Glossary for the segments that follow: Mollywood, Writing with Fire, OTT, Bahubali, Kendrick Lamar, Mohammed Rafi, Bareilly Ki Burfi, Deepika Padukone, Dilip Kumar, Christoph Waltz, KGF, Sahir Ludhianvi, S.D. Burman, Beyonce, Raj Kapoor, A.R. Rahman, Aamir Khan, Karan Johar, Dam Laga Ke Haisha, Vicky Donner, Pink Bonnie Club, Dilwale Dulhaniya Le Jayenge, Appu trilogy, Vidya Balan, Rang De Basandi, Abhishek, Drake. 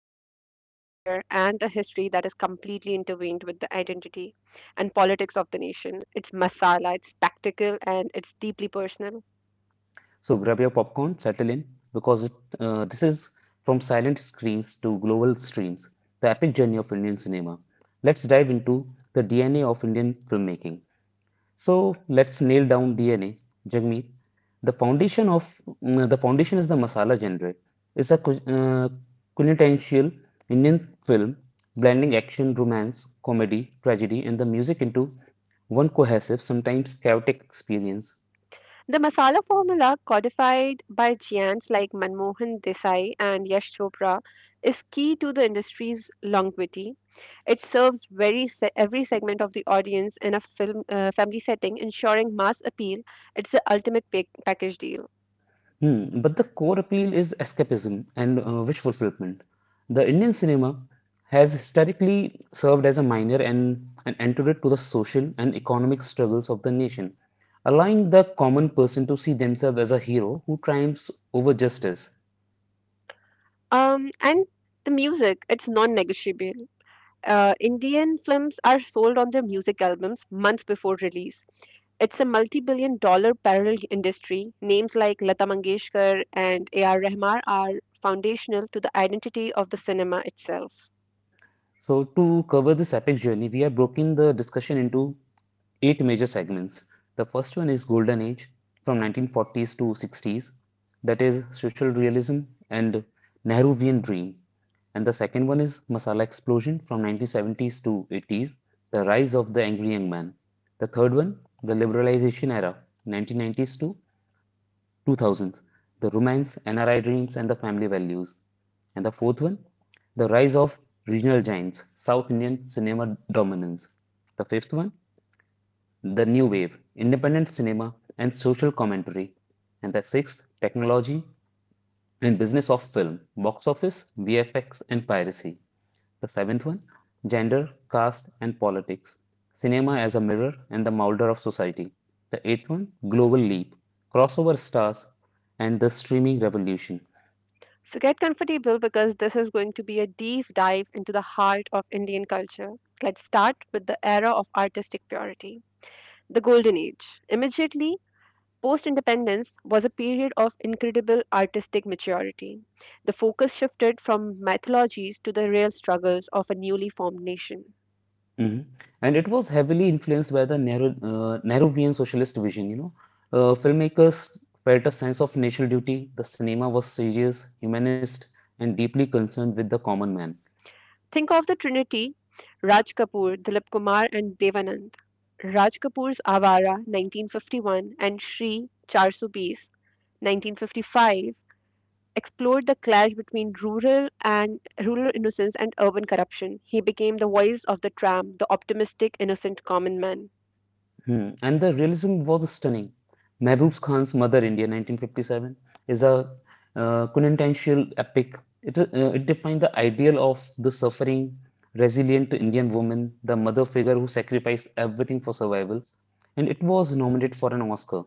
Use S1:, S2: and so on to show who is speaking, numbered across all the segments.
S1: thousands of films a year, and a history that is completely intertwined with the identity and politics of the nation. It's masala, it's spectacle, and it's deeply personal.
S2: So grab your popcorn, settle in, because this is from silent screens to global streams, the epic journey of Indian cinema. Let's dive into the DNA of Indian filmmaking. So let's nail down DNA. Jagmeet, the foundation of the foundation is the masala genre. It's a quintessential Indian film, blending action, romance, comedy, tragedy, and the music into one cohesive, sometimes chaotic experience.
S1: The masala formula codified by giants like Manmohan Desai and Yash Chopra is key to the industry's longevity. It serves every segment of the audience in a film family setting, ensuring mass appeal. It's the ultimate package deal.
S2: Hmm, but the core appeal is escapism and wish fulfillment. The Indian cinema has historically served as a minor and an antidote to the social and economic struggles of the nation, allowing the common person to see themselves as a hero who triumphs over justice.
S1: And the music, it's non-negotiable. Indian films are sold on their music albums months before release. It's a multi-billion dollar parallel industry. Names like Lata Mangeshkar and A.R. Rahman are foundational to the identity of the cinema itself.
S2: So, to cover this epic journey, we have broken the discussion into eight major segments. The first one is Golden Age from 1940s to 60s, that is social realism and Nehruvian dream. And the second one is Masala Explosion from 1970s to 80s, the rise of the angry young man. The third one, the liberalization era, 1990s to 2000s, the romance, NRI dreams, and the family values. And the fourth one, the rise of regional giants, South Indian cinema dominance. The fifth one, the new wave, independent cinema and social commentary, and the sixth, technology and business of film, box office, VFX, and piracy. The seventh one, gender, caste, and politics, cinema as a mirror and the molder of society. The eighth one, global leap, crossover stars, and the streaming revolution.
S1: So get comfortable because this is going to be a deep dive into the heart of Indian culture. Let's start with the era of artistic purity, the Golden Age. Immediately post independence was a period of incredible artistic maturity. The focus shifted from mythologies to the real struggles of a newly formed nation.
S2: Mhm. And it was heavily influenced by the narrow, Nehruvian socialist vision, you know. Filmmakers felt a sense of national duty. The cinema was serious, humanist, and deeply concerned with the common man.
S1: Think of the trinity Raj Kapoor, Dilip Kumar, and Devanand. Raj Kapoor's Awara 1951 and Shri 420 1955 explored the clash between rural innocence and urban corruption. He became the voice of the tramp, the optimistic, innocent common man.
S2: Hmm. And the realism was stunning. Mehboob Khan's Mother India, 1957, is a quintessential epic. It, uh, it defined the ideal of the suffering, resilient Indian woman, the mother figure who sacrificed everything for survival, and it was nominated for an Oscar.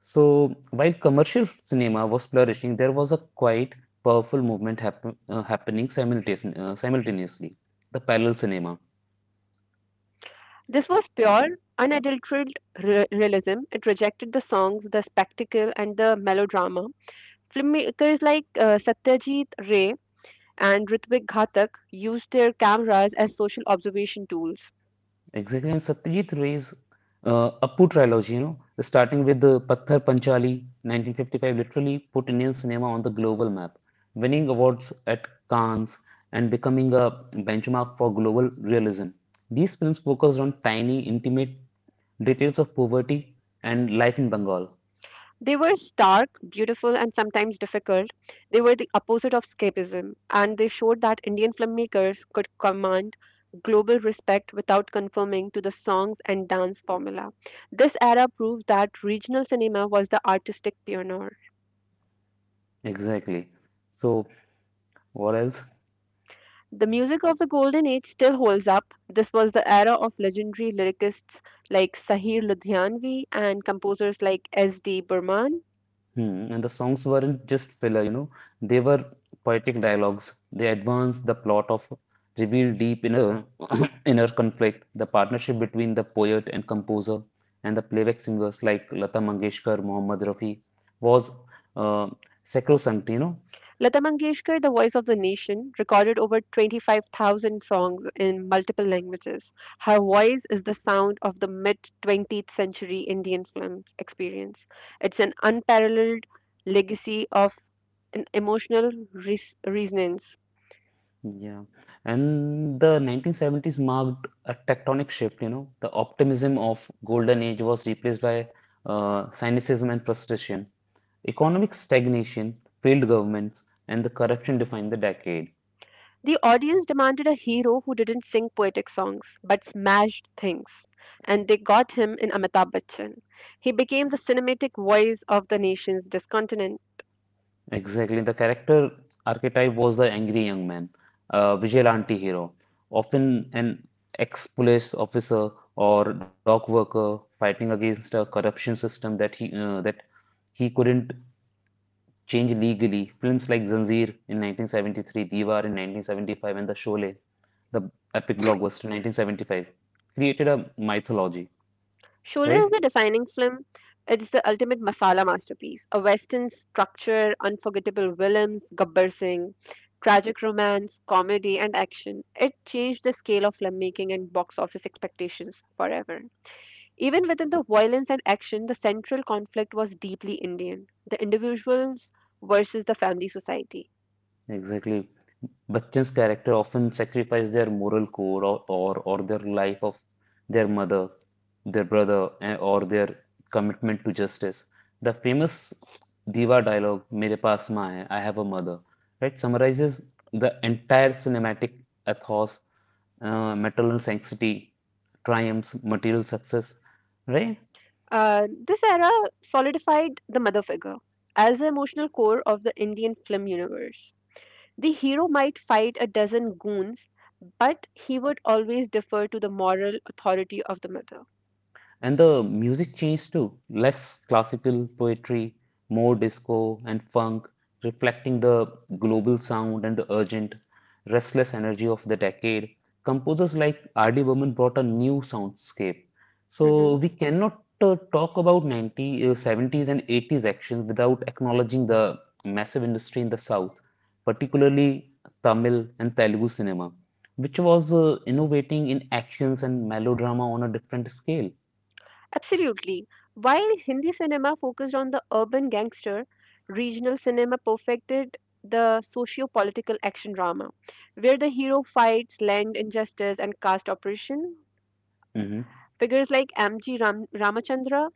S2: So while commercial cinema was flourishing, there was a quite powerful movement happening simultaneously. The parallel cinema,
S1: This was pure, unadulterated realism. It rejected the songs, the spectacle, and the melodrama. Filmmakers like Satyajit Ray and Ritwik Ghatak used their cameras as social observation tools.
S2: exactly. And Satyajit Ray's Appu trilogy, you know, starting with the Patthar Panchali, 1955, literally put Indian cinema on the global map, winning awards at Cannes and becoming a benchmark for global realism. These films focused on tiny, intimate details of poverty and life in Bengal.
S1: They were stark, beautiful, and sometimes difficult. They were the opposite of escapism, and they showed that Indian filmmakers could command global respect without conforming to the songs and dance formula. This era proves that regional cinema was the artistic pioneer.
S2: Exactly. So what else?
S1: The music of the Golden Age still holds up. This was the era of legendary lyricists like Sahir Ludhianvi and composers like S.D. Burman.
S2: Hmm. And the songs weren't just filler, you know, they were poetic dialogues. They advanced the plot of reveal deep inner inner conflict, the partnership between the poet and composer, and the playback singers like Lata Mangeshkar, Mohammed Rafi was uh, sacrosanct, you know.
S1: Lata Mangeshkar, the voice of the nation, recorded over 25,000 songs in multiple languages. Her voice is the sound of the mid 20th century Indian film experience. It's an unparalleled legacy of an emotional resonance.
S2: Yeah. And the 1970s marked a tectonic shift, you know. The optimism of golden age was replaced by cynicism and frustration. Economic stagnation, failed governments, and the corruption defined the decade.
S1: The audience demanded a hero who didn't sing poetic songs but smashed things, and they got him in Amitabh Bachchan. He became the cinematic voice of the nation's discontent.
S2: Exactly. The character archetype was the angry young man, a vigilante hero, often an ex-police officer or dock worker fighting against a corruption system that he couldn't change legally. Films like Zanzir in 1973, Diwar in 1975, and The Sholay, the epic blockbuster in 1975, created a mythology,
S1: Sholay is a
S2: right?
S1: defining film. It's the ultimate masala masterpiece. A western structure, unforgettable villains, Gabbar Singh, tragic romance, comedy, and action. It changed the scale of filmmaking and box office expectations forever. Even within the violence and action, the central conflict was deeply Indian, the individuals versus the family society.
S2: Exactly. Bachchan's character often sacrifice their moral code or their life of their mother, their brother, eh, or their commitment to justice. The famous Diva dialogue, Mere paas maa hai, I have a mother, right, summarizes the entire cinematic ethos, maternal sanctity, triumphs, material success, right?
S1: This era solidified the mother figure as the emotional core of the Indian film universe. The hero might fight a dozen goons, but he would always defer to the moral authority of the mother.
S2: And the music changed too, less classical poetry, more disco and funk, reflecting the global sound and the urgent, restless energy of the decade. Composers like R.D. Burman brought a new soundscape. So
S1: Mhm.
S2: we cannot talk about 70s and 80s actions without acknowledging the massive industry in the South, particularly Tamil and Telugu cinema, which was innovating in actions and melodrama on a different scale.
S1: Absolutely. While Hindi cinema focused on the urban gangster, regional cinema perfected the socio political action drama, where the hero fights land injustice and caste oppression.
S2: Mhm.
S1: Figures like Ramachandra,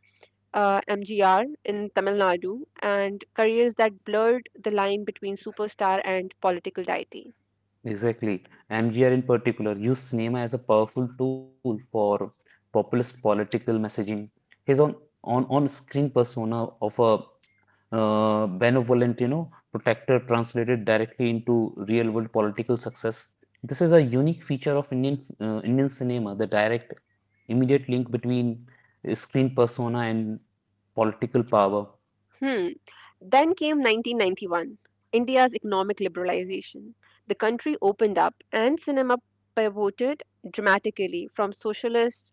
S1: MGR in Tamil Nadu, and careers that blurred the line between superstar and political deity.
S2: Exactly. MGR in particular used cinema as a powerful tool for populist political messaging. His on screen persona of a benevolent, you know, protector translated directly into real world political success. This is a unique feature of Indian cinema, the direct, immediate link between screen persona and political power.
S1: Hmm. Then came 1991, India's economic liberalization. The country opened up and cinema pivoted dramatically from socialist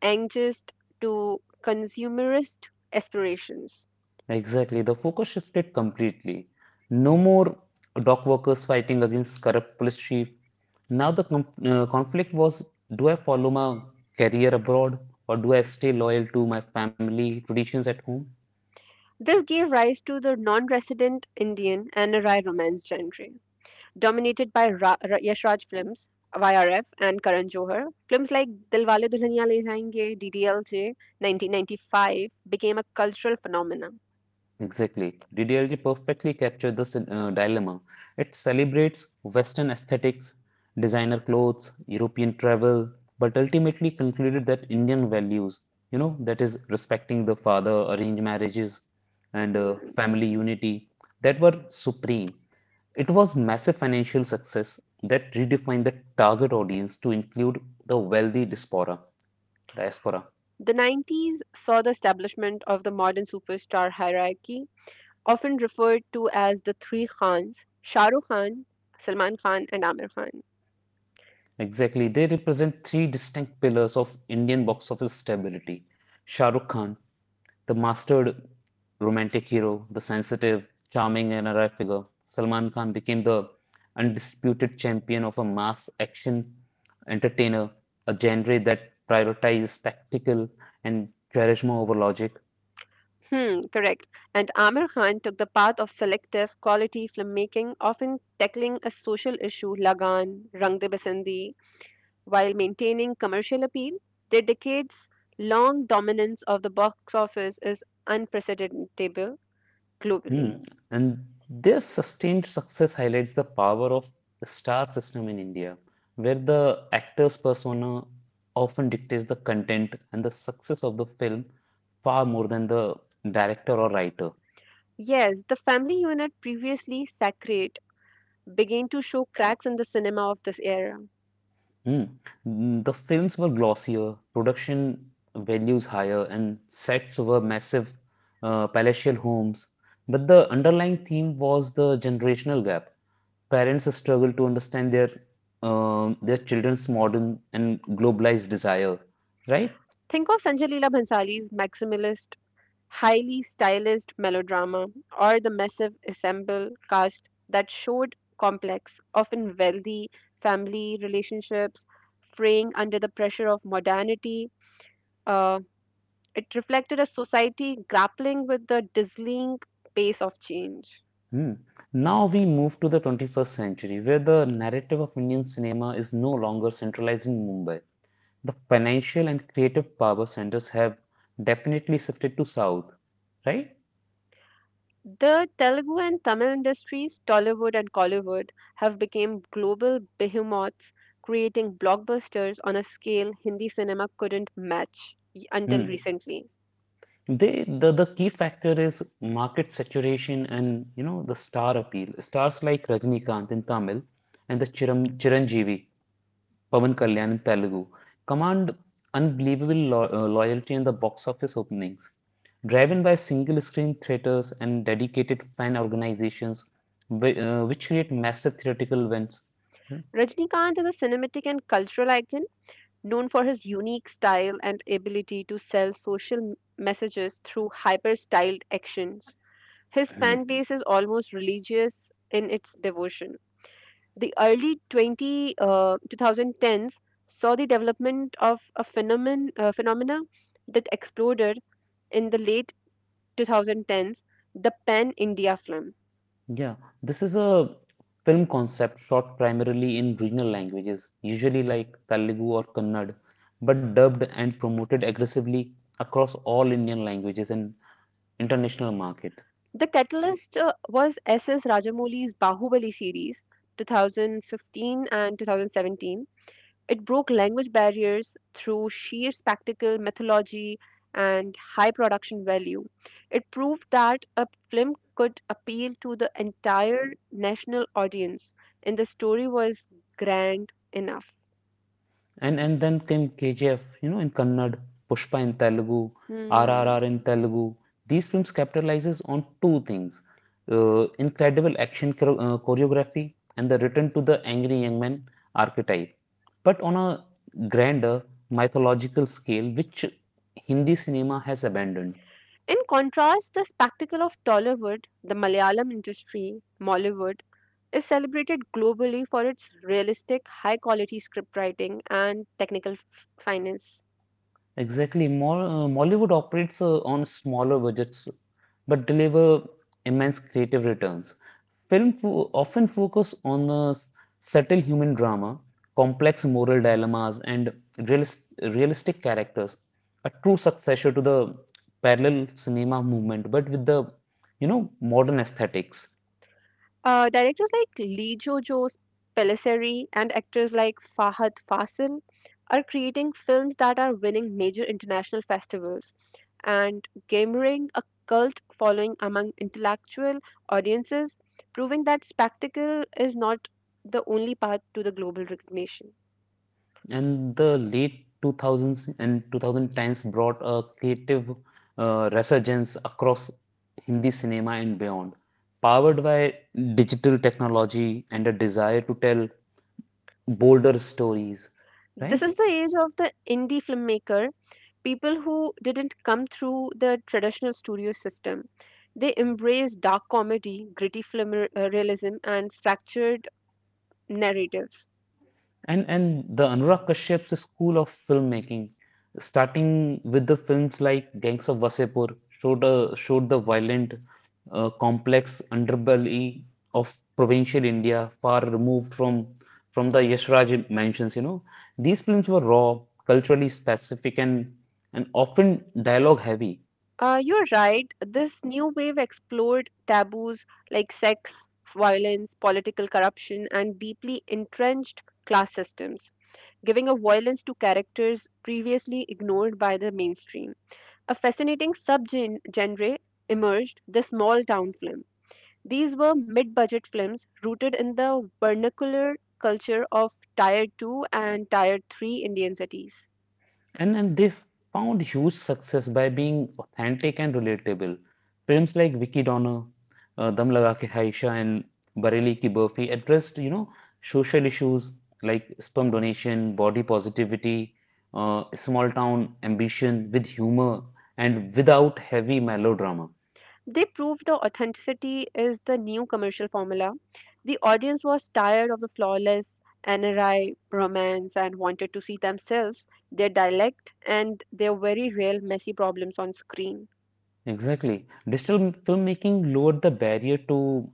S1: angst to consumerist aspirations.
S2: Exactly. The focus shifted completely. No more dock workers fighting against corrupt police chief. Now the conflict was, do I follow my career abroad or do I stay loyal to my family traditions at home?
S1: This gave rise to the non resident Indian and Rai romance genre, dominated by Yash Raj films, YRF, and Karan Johar. Films like Dilwale Dulhaniya Le Jayenge, DDLJ, 1995 became a cultural phenomenon.
S2: Exactly. DDLJ perfectly captured this dilemma. It celebrates Western aesthetics, designer clothes, European travel, but ultimately concluded that Indian values, you know, that is respecting the father, arranged marriages, and
S1: Hmm.
S2: family unity, that were supreme. It was massive financial success that redefined the target audience to include the wealthy diaspora.
S1: The 90s saw the establishment of the modern superstar hierarchy, often referred to as the three Khans, Shah Rukh Khan, Salman Khan, and Aamir Khan.
S2: Exactly. They represent three distinct pillars of Indian box office stability. Shah Rukh Khan, the mastered romantic hero, the sensitive, charming NRI figure. Salman Khan became the undisputed champion of a mass action entertainer, a genre that prioritizes spectacle and charisma over logic.
S1: Hmm, correct. And Aamir Khan took the path of selective quality filmmaking, often tackling a social issue, Lagan, Rang De Basandi, while maintaining commercial appeal. Their decades long dominance of the box office is unprecedented globally.
S2: Hmm. And their sustained success highlights the power of the star system in India, where the actor's persona often dictates the content and the success of the film far more than the director or writer.
S1: Yes, the family unit previously sacred began to show cracks in the cinema of this era.
S2: Hmm. Mm, the films were glossier, production values higher, and sets were massive palatial homes. But the underlying theme was the generational gap. Parents struggle to understand their children's modern and globalized desire, right?
S1: Think of Sanjay Leela Bhansali's maximalist, highly stylized melodrama, or the massive ensemble cast that showed complex, often wealthy family relationships fraying under the pressure of modernity. Uh, it reflected a society grappling with the dazzling pace of change.
S2: Hmm. Now we move to the 21st century, where the narrative of Indian cinema is no longer centralized in Mumbai. The financial and creative power centers have definitely shifted to South, right?
S1: The Telugu and Tamil industries, Tollywood and Collywood, have become global behemoths, creating blockbusters on a scale Hindi cinema couldn't match until
S2: Hmm.
S1: recently.
S2: The key factor is market saturation and you know the star appeal. Stars like Rajnikant in Tamil and the Chiranjeevi Pavan Kalyan in Telugu command unbelievable loyalty in the box office openings. Driven by single screen theaters and dedicated fan organizations, which create massive theatrical events.
S1: Rajnikant is a cinematic and cultural icon known for his unique style and ability to sell social messages through hyper styled actions. His fan base is almost religious in its devotion. The early 2010s saw the development of a phenomenon phenomena that exploded in the late 2010s, the Pan India film.
S2: Yeah, this is a film concept shot primarily in regional languages, usually like Telugu or Kannada, but dubbed and promoted aggressively across all Indian languages and international market.
S1: The catalyst was S.S. Rajamouli's Bahubali series 2015 and 2017. It broke language barriers through sheer spectacle, mythology, and high production value. It proved that a film could appeal to the entire national audience, and the story was grand enough.
S2: And then came KGF, you know, in Kannada, Pushpa in Telugu,
S1: Hmm.
S2: RRR in Telugu. These films capitalizes on two things: incredible action choreography and the return to the angry young man archetype, but on a grander mythological scale, which Hindi cinema has abandoned.
S1: In contrast, the spectacle of Tollywood, the Malayalam industry, Mollywood, is celebrated globally for its realistic, high quality scriptwriting and technical finance.
S2: Exactly. Mollywood operates on smaller budgets but deliver immense creative returns. Often focus on subtle human drama, complex moral dilemmas, and realistic characters. A true successor to the parallel cinema movement, but with the you know modern aesthetics.
S1: Directors like Lee Jo Jo Pellicerri and actors like Fahad Fasil are creating films that are winning major international festivals and garnering a cult following among intellectual audiences, proving that spectacle is not the only path to the global recognition.
S2: And the late 2000s and 2010s brought a creative resurgence across Hindi cinema and beyond, powered by digital technology and a desire to tell bolder stories,
S1: This
S2: right?
S1: is the age of the indie filmmaker, people who didn't come through the traditional studio system. They embraced dark comedy, gritty realism, and fractured narratives.
S2: And the Anurag Kashyap's school of filmmaking, starting with the films like Gangs of Wasepur, showed the violent, complex underbelly of provincial India, far removed from the Yashraj mansions. You know, these films were raw, culturally specific, and often dialogue heavy.
S1: You're right, this new wave explored taboos like sex, violence, political corruption, and deeply entrenched class systems, giving a violence to characters previously ignored by the mainstream. A fascinating subgenre emerged the small town film. These were mid budget films rooted in the vernacular culture of Tier 2 and Tier 3 Indian cities.
S2: And they found huge success by being authentic and relatable. Films like Vicky Donner, Dam Laga Ke Haisha, and Bareilly Ki Burfi addressed, you know, social issues like sperm donation, body positivity, small town ambition with humor and without heavy melodrama.
S1: They proved the authenticity is the new commercial formula. The audience was tired of the flawless NRI romance and wanted to see themselves, their dialect, and their very real messy problems on screen.
S2: Exactly. Digital filmmaking lowered the barrier to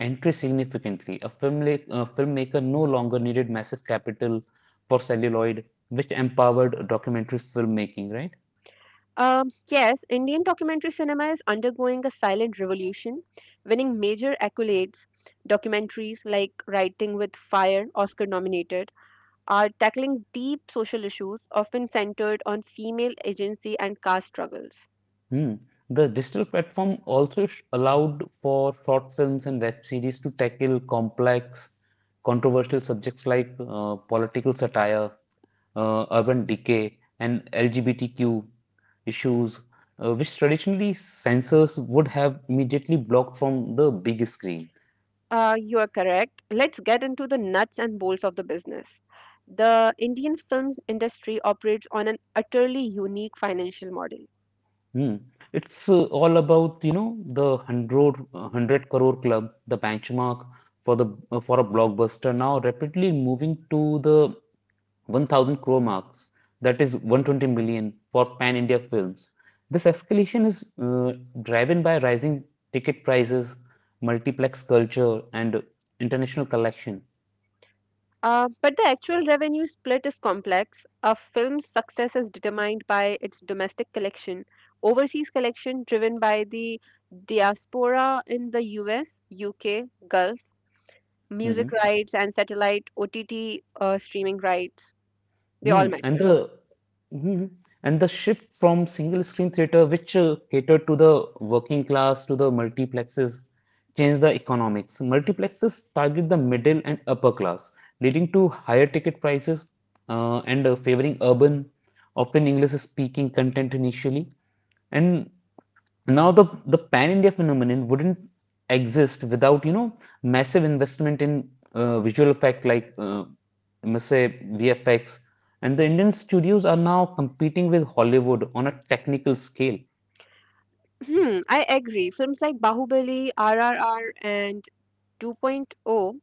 S2: entry significantly. A filmmaker no longer needed massive capital for celluloid, which empowered documentary filmmaking, right?
S1: Yes, Indian documentary cinema is undergoing a silent revolution, winning major accolades. Documentaries like Writing with Fire, Oscar nominated, are tackling deep social issues, often centered on female agency and caste struggles.
S2: Hmm. The digital platform also allowed for short films and web series to tackle complex, controversial subjects like political satire, urban decay, and LGBTQ issues, which traditionally censors would have immediately blocked from the big screen.
S1: You are correct. Let's get into the nuts and bolts of the business. The Indian film industry operates on an utterly unique financial model.
S2: Hmm. It's all about, you know, the 100 crore club, the benchmark for the for a blockbuster now rapidly moving to the 1000 crore marks, that is 120 million for pan-India films. This escalation is driven by rising ticket prices, multiplex culture, and international collection.
S1: But the actual revenue split is complex. A film's success is determined by its domestic collection, overseas collection driven by the diaspora in the US, UK, Gulf,
S2: Mm-hmm.
S1: music rights, and satellite OTT streaming rights. They all
S2: Mm, and
S1: matter.
S2: the mhm. and the shift from single screen theater, which catered to the working class, to the multiplexes, changed the economics. Multiplexes target the middle and upper class, leading to higher ticket prices and favoring urban, often English speaking content initially. And now, the pan India phenomenon wouldn't exist without, you know, massive investment in visual effect like, I must say, VFX. And the Indian studios are now competing with Hollywood on a technical scale.
S1: Hmm, I agree. Films like Bahubali, RRR, and 2.0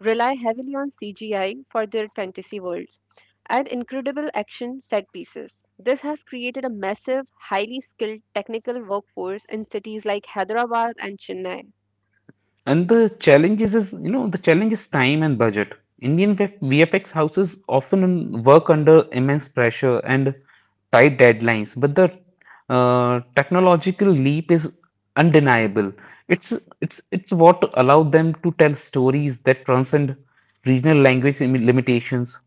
S1: rely heavily on CGI for their fantasy worlds and incredible action set pieces. This has created a massive, highly skilled technical workforce in cities like Hyderabad and Chennai.
S2: And the challenge is time and budget. Indian VF VFX houses often work under immense pressure and tight deadlines, but the technological leap is undeniable. It's it's what allowed them to tell stories that transcend regional limitations.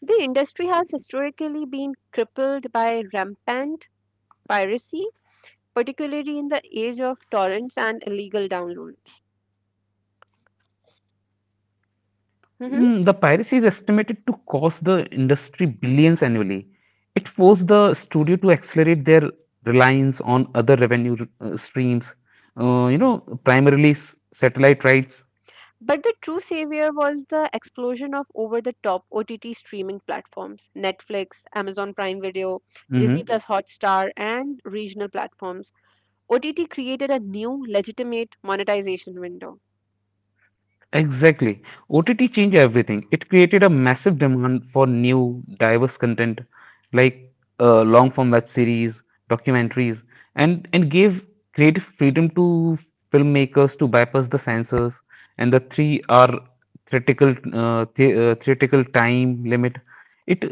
S1: The industry has historically been crippled by rampant piracy, particularly in the age of torrents and illegal downloads.
S2: Mm, the piracy is estimated to cost the industry billions annually. It forced the studio to accelerate their reliance on other revenue streams, uh, you know, primarily satellite rights.
S1: But the true savior was the explosion of over the top OTT streaming platforms Netflix, Amazon Prime Video, Disney
S2: Mm-hmm.
S1: Plus Hotstar, and regional platforms. OTT created a new legitimate monetization window.
S2: Exactly. OTT changed everything. It created a massive demand for new, diverse content like long form web series, documentaries, and gave creative freedom to filmmakers to bypass the censors and the 3 hour theoretical time limit. It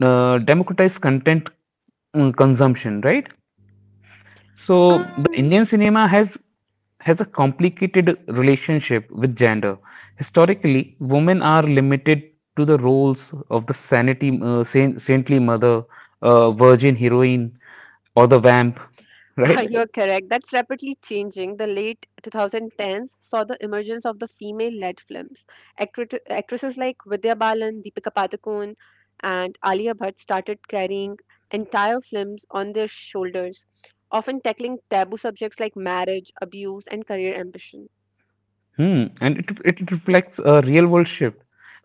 S2: uh, democratized content consumption, right? So the
S1: Um,
S2: Indian cinema has a complicated relationship with gender. Historically, women are limited to the roles of the saintly mother, virgin heroine, or the vamp,
S1: Ah,
S2: right?
S1: You're correct. That's rapidly changing. The late 2010s saw the emergence of the female-led films. Actresses like Vidya Balan, Deepika Padukone, and Alia Bhatt started carrying entire films on their shoulders, often tackling taboo subjects like marriage, abuse, and career ambition.
S2: Hmm. It reflects a real world shift.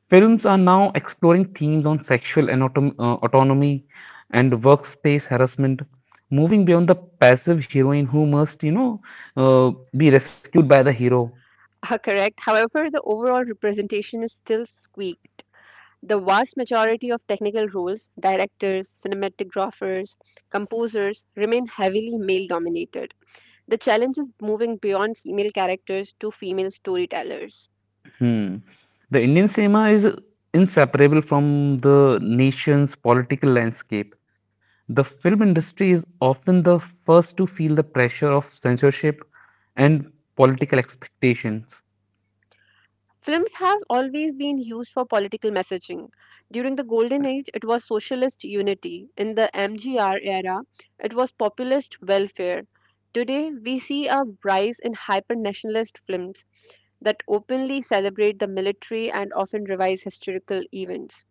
S2: Films are now exploring themes on autonomy and workspace harassment, moving beyond the passive heroine who must, uh, be rescued by the hero.
S1: Correct. However, the overall representation is still squeak. The vast majority of technical roles, directors, cinematographers, composers, remain heavily male-dominated. The challenge is moving beyond female characters to female storytellers.
S2: Hmm. The Indian cinema is inseparable from the nation's political landscape. The film industry is often the first to feel the pressure of censorship and political expectations.
S1: Films have always been used for political messaging. During the Golden Age, it was socialist unity. In the MGR era, it was populist welfare. Today, we see a rise in hyper nationalist films that openly celebrate the military and often revise historical events.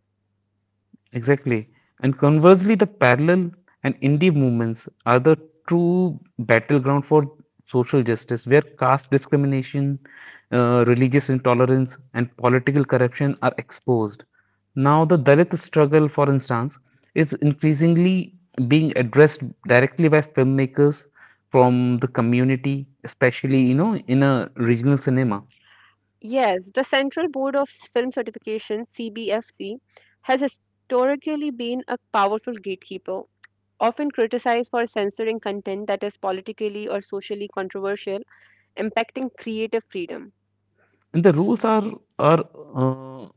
S2: Exactly. And conversely, the parallel and indie movements are the true battleground for social justice, where caste discrimination, religious intolerance, and political corruption are exposed. Now, the Dalit struggle, for instance, is increasingly being addressed directly by filmmakers from the community, especially you know in a regional cinema.
S1: Yes, the Central Board of Film Certification, CBFC, has historically been a powerful gatekeeper often criticized for censoring content that is politically or socially controversial, impacting creative freedom.
S2: And the rules are uh,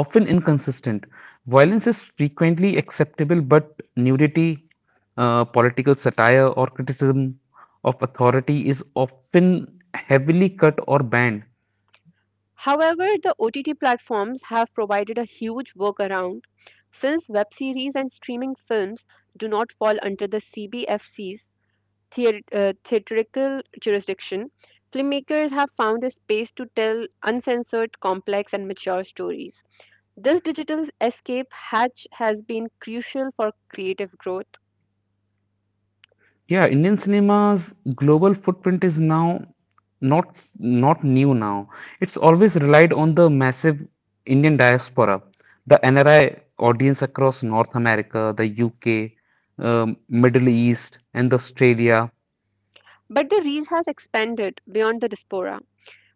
S2: often inconsistent. Violence is frequently acceptable, but nudity, political satire, or criticism of authority is often heavily cut or banned.
S1: However, the OTT platforms have provided a huge workaround since web series and streaming films do not fall under the CBFC's theatrical jurisdiction. Filmmakers have found a space to tell uncensored, complex, and mature stories. This digital escape hatch has been crucial for creative growth.
S2: Yeah, Indian cinema's global footprint is now not new now. It's always relied on the massive Indian diaspora, the NRI audience across North America, the UK, Middle East, and Australia.
S1: But the reach has expanded beyond the diaspora.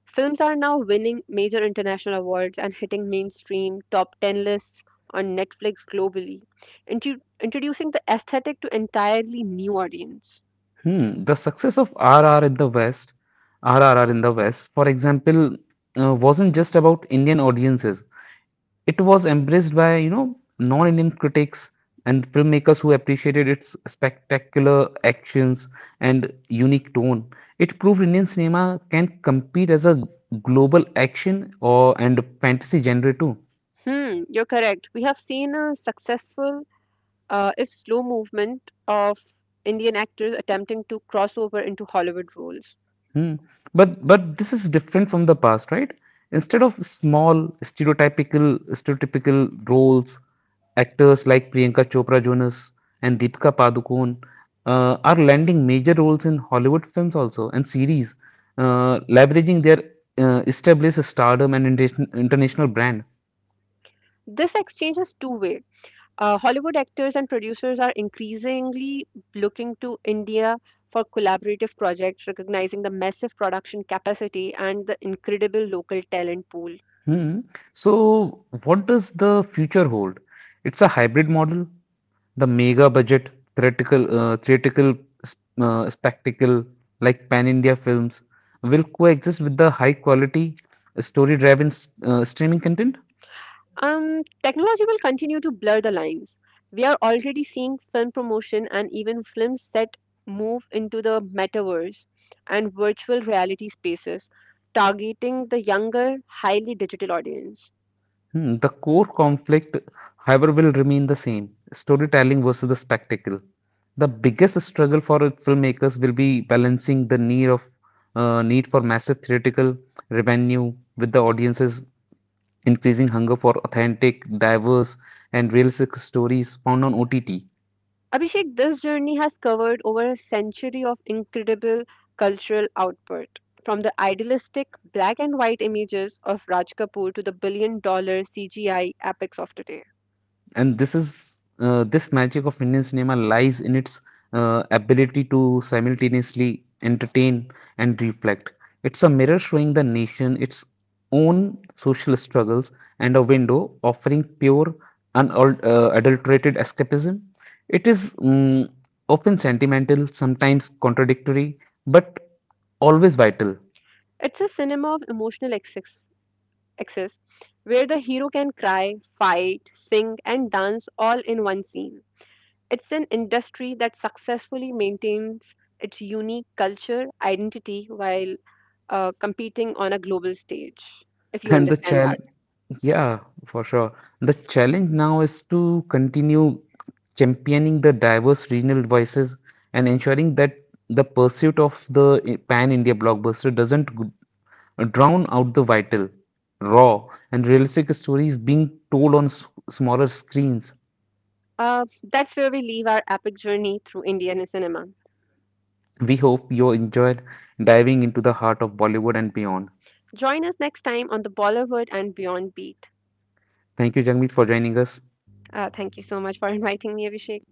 S1: Films are now winning major international awards and hitting mainstream top 10 lists on Netflix globally, introducing the aesthetic to entirely new audience.
S2: Hmm. The success of RR in the West, RRR in the West, for example, wasn't just about Indian audiences. It was embraced by, you know, non-Indian critics and filmmakers who appreciated its spectacular actions and unique tone. It proved Indian cinema can compete as a global action or and fantasy genre too.
S1: Hmm, you're correct. We have seen a successful, if slow, movement of Indian actors attempting to cross over into Hollywood roles.
S2: Hmm. But this is different from the past, right? Instead of small stereotypical stereotypical roles, actors like Priyanka Chopra Jonas and Deepika Padukone are landing major roles in Hollywood films also and series, leveraging their established stardom and international brand.
S1: This exchange is two way. Hollywood actors and producers are increasingly looking to India for collaborative projects, recognizing the massive production capacity and the incredible local talent pool.
S2: Hmm. So what does the future hold? It's a hybrid model. The mega budget theatrical s- spectacle like Pan India films will coexist with the high quality story driven streaming content.
S1: Technology will continue to blur the lines. We are already seeing film promotion and even film set move into the metaverse and virtual reality spaces, targeting the younger, highly digital audience.
S2: Hmm, the core conflict, however, will remain the same: storytelling versus the spectacle. The biggest struggle for filmmakers will be balancing the need for massive theatrical revenue with the audience's increasing hunger for authentic, diverse, and realistic stories found on OTT.
S1: Abhishek, this journey has covered over a century of incredible cultural output, from the idealistic black and white images of Raj Kapoor to the billion dollar CGI epics of today.
S2: And this magic of Indian cinema lies in its ability to simultaneously entertain and reflect. It's a mirror showing the nation its own social struggles and a window offering pure, unadulterated escapism. It is often sentimental, sometimes contradictory, but always vital.
S1: It's a cinema of excess where the hero can cry, fight, sing, and dance all in one scene. It's an industry that successfully maintains its unique culture, identity, while competing on a global stage, if you
S2: And the
S1: understand
S2: child,
S1: that.
S2: yeah, for sure. The challenge now is to continue championing the diverse regional voices and ensuring that the pursuit of the pan India blockbuster doesn't drown out the vital, raw, and realistic stories being told on smaller screens.
S1: Uh, that's where we leave our epic journey through Indian cinema.
S2: We hope you enjoyed diving into the heart of Bollywood and beyond.
S1: Join us next time on the Bollywood and Beyond Beat.
S2: Thank you, Jagmeet, for joining us.
S1: Thank you so much for inviting me, Abhishek.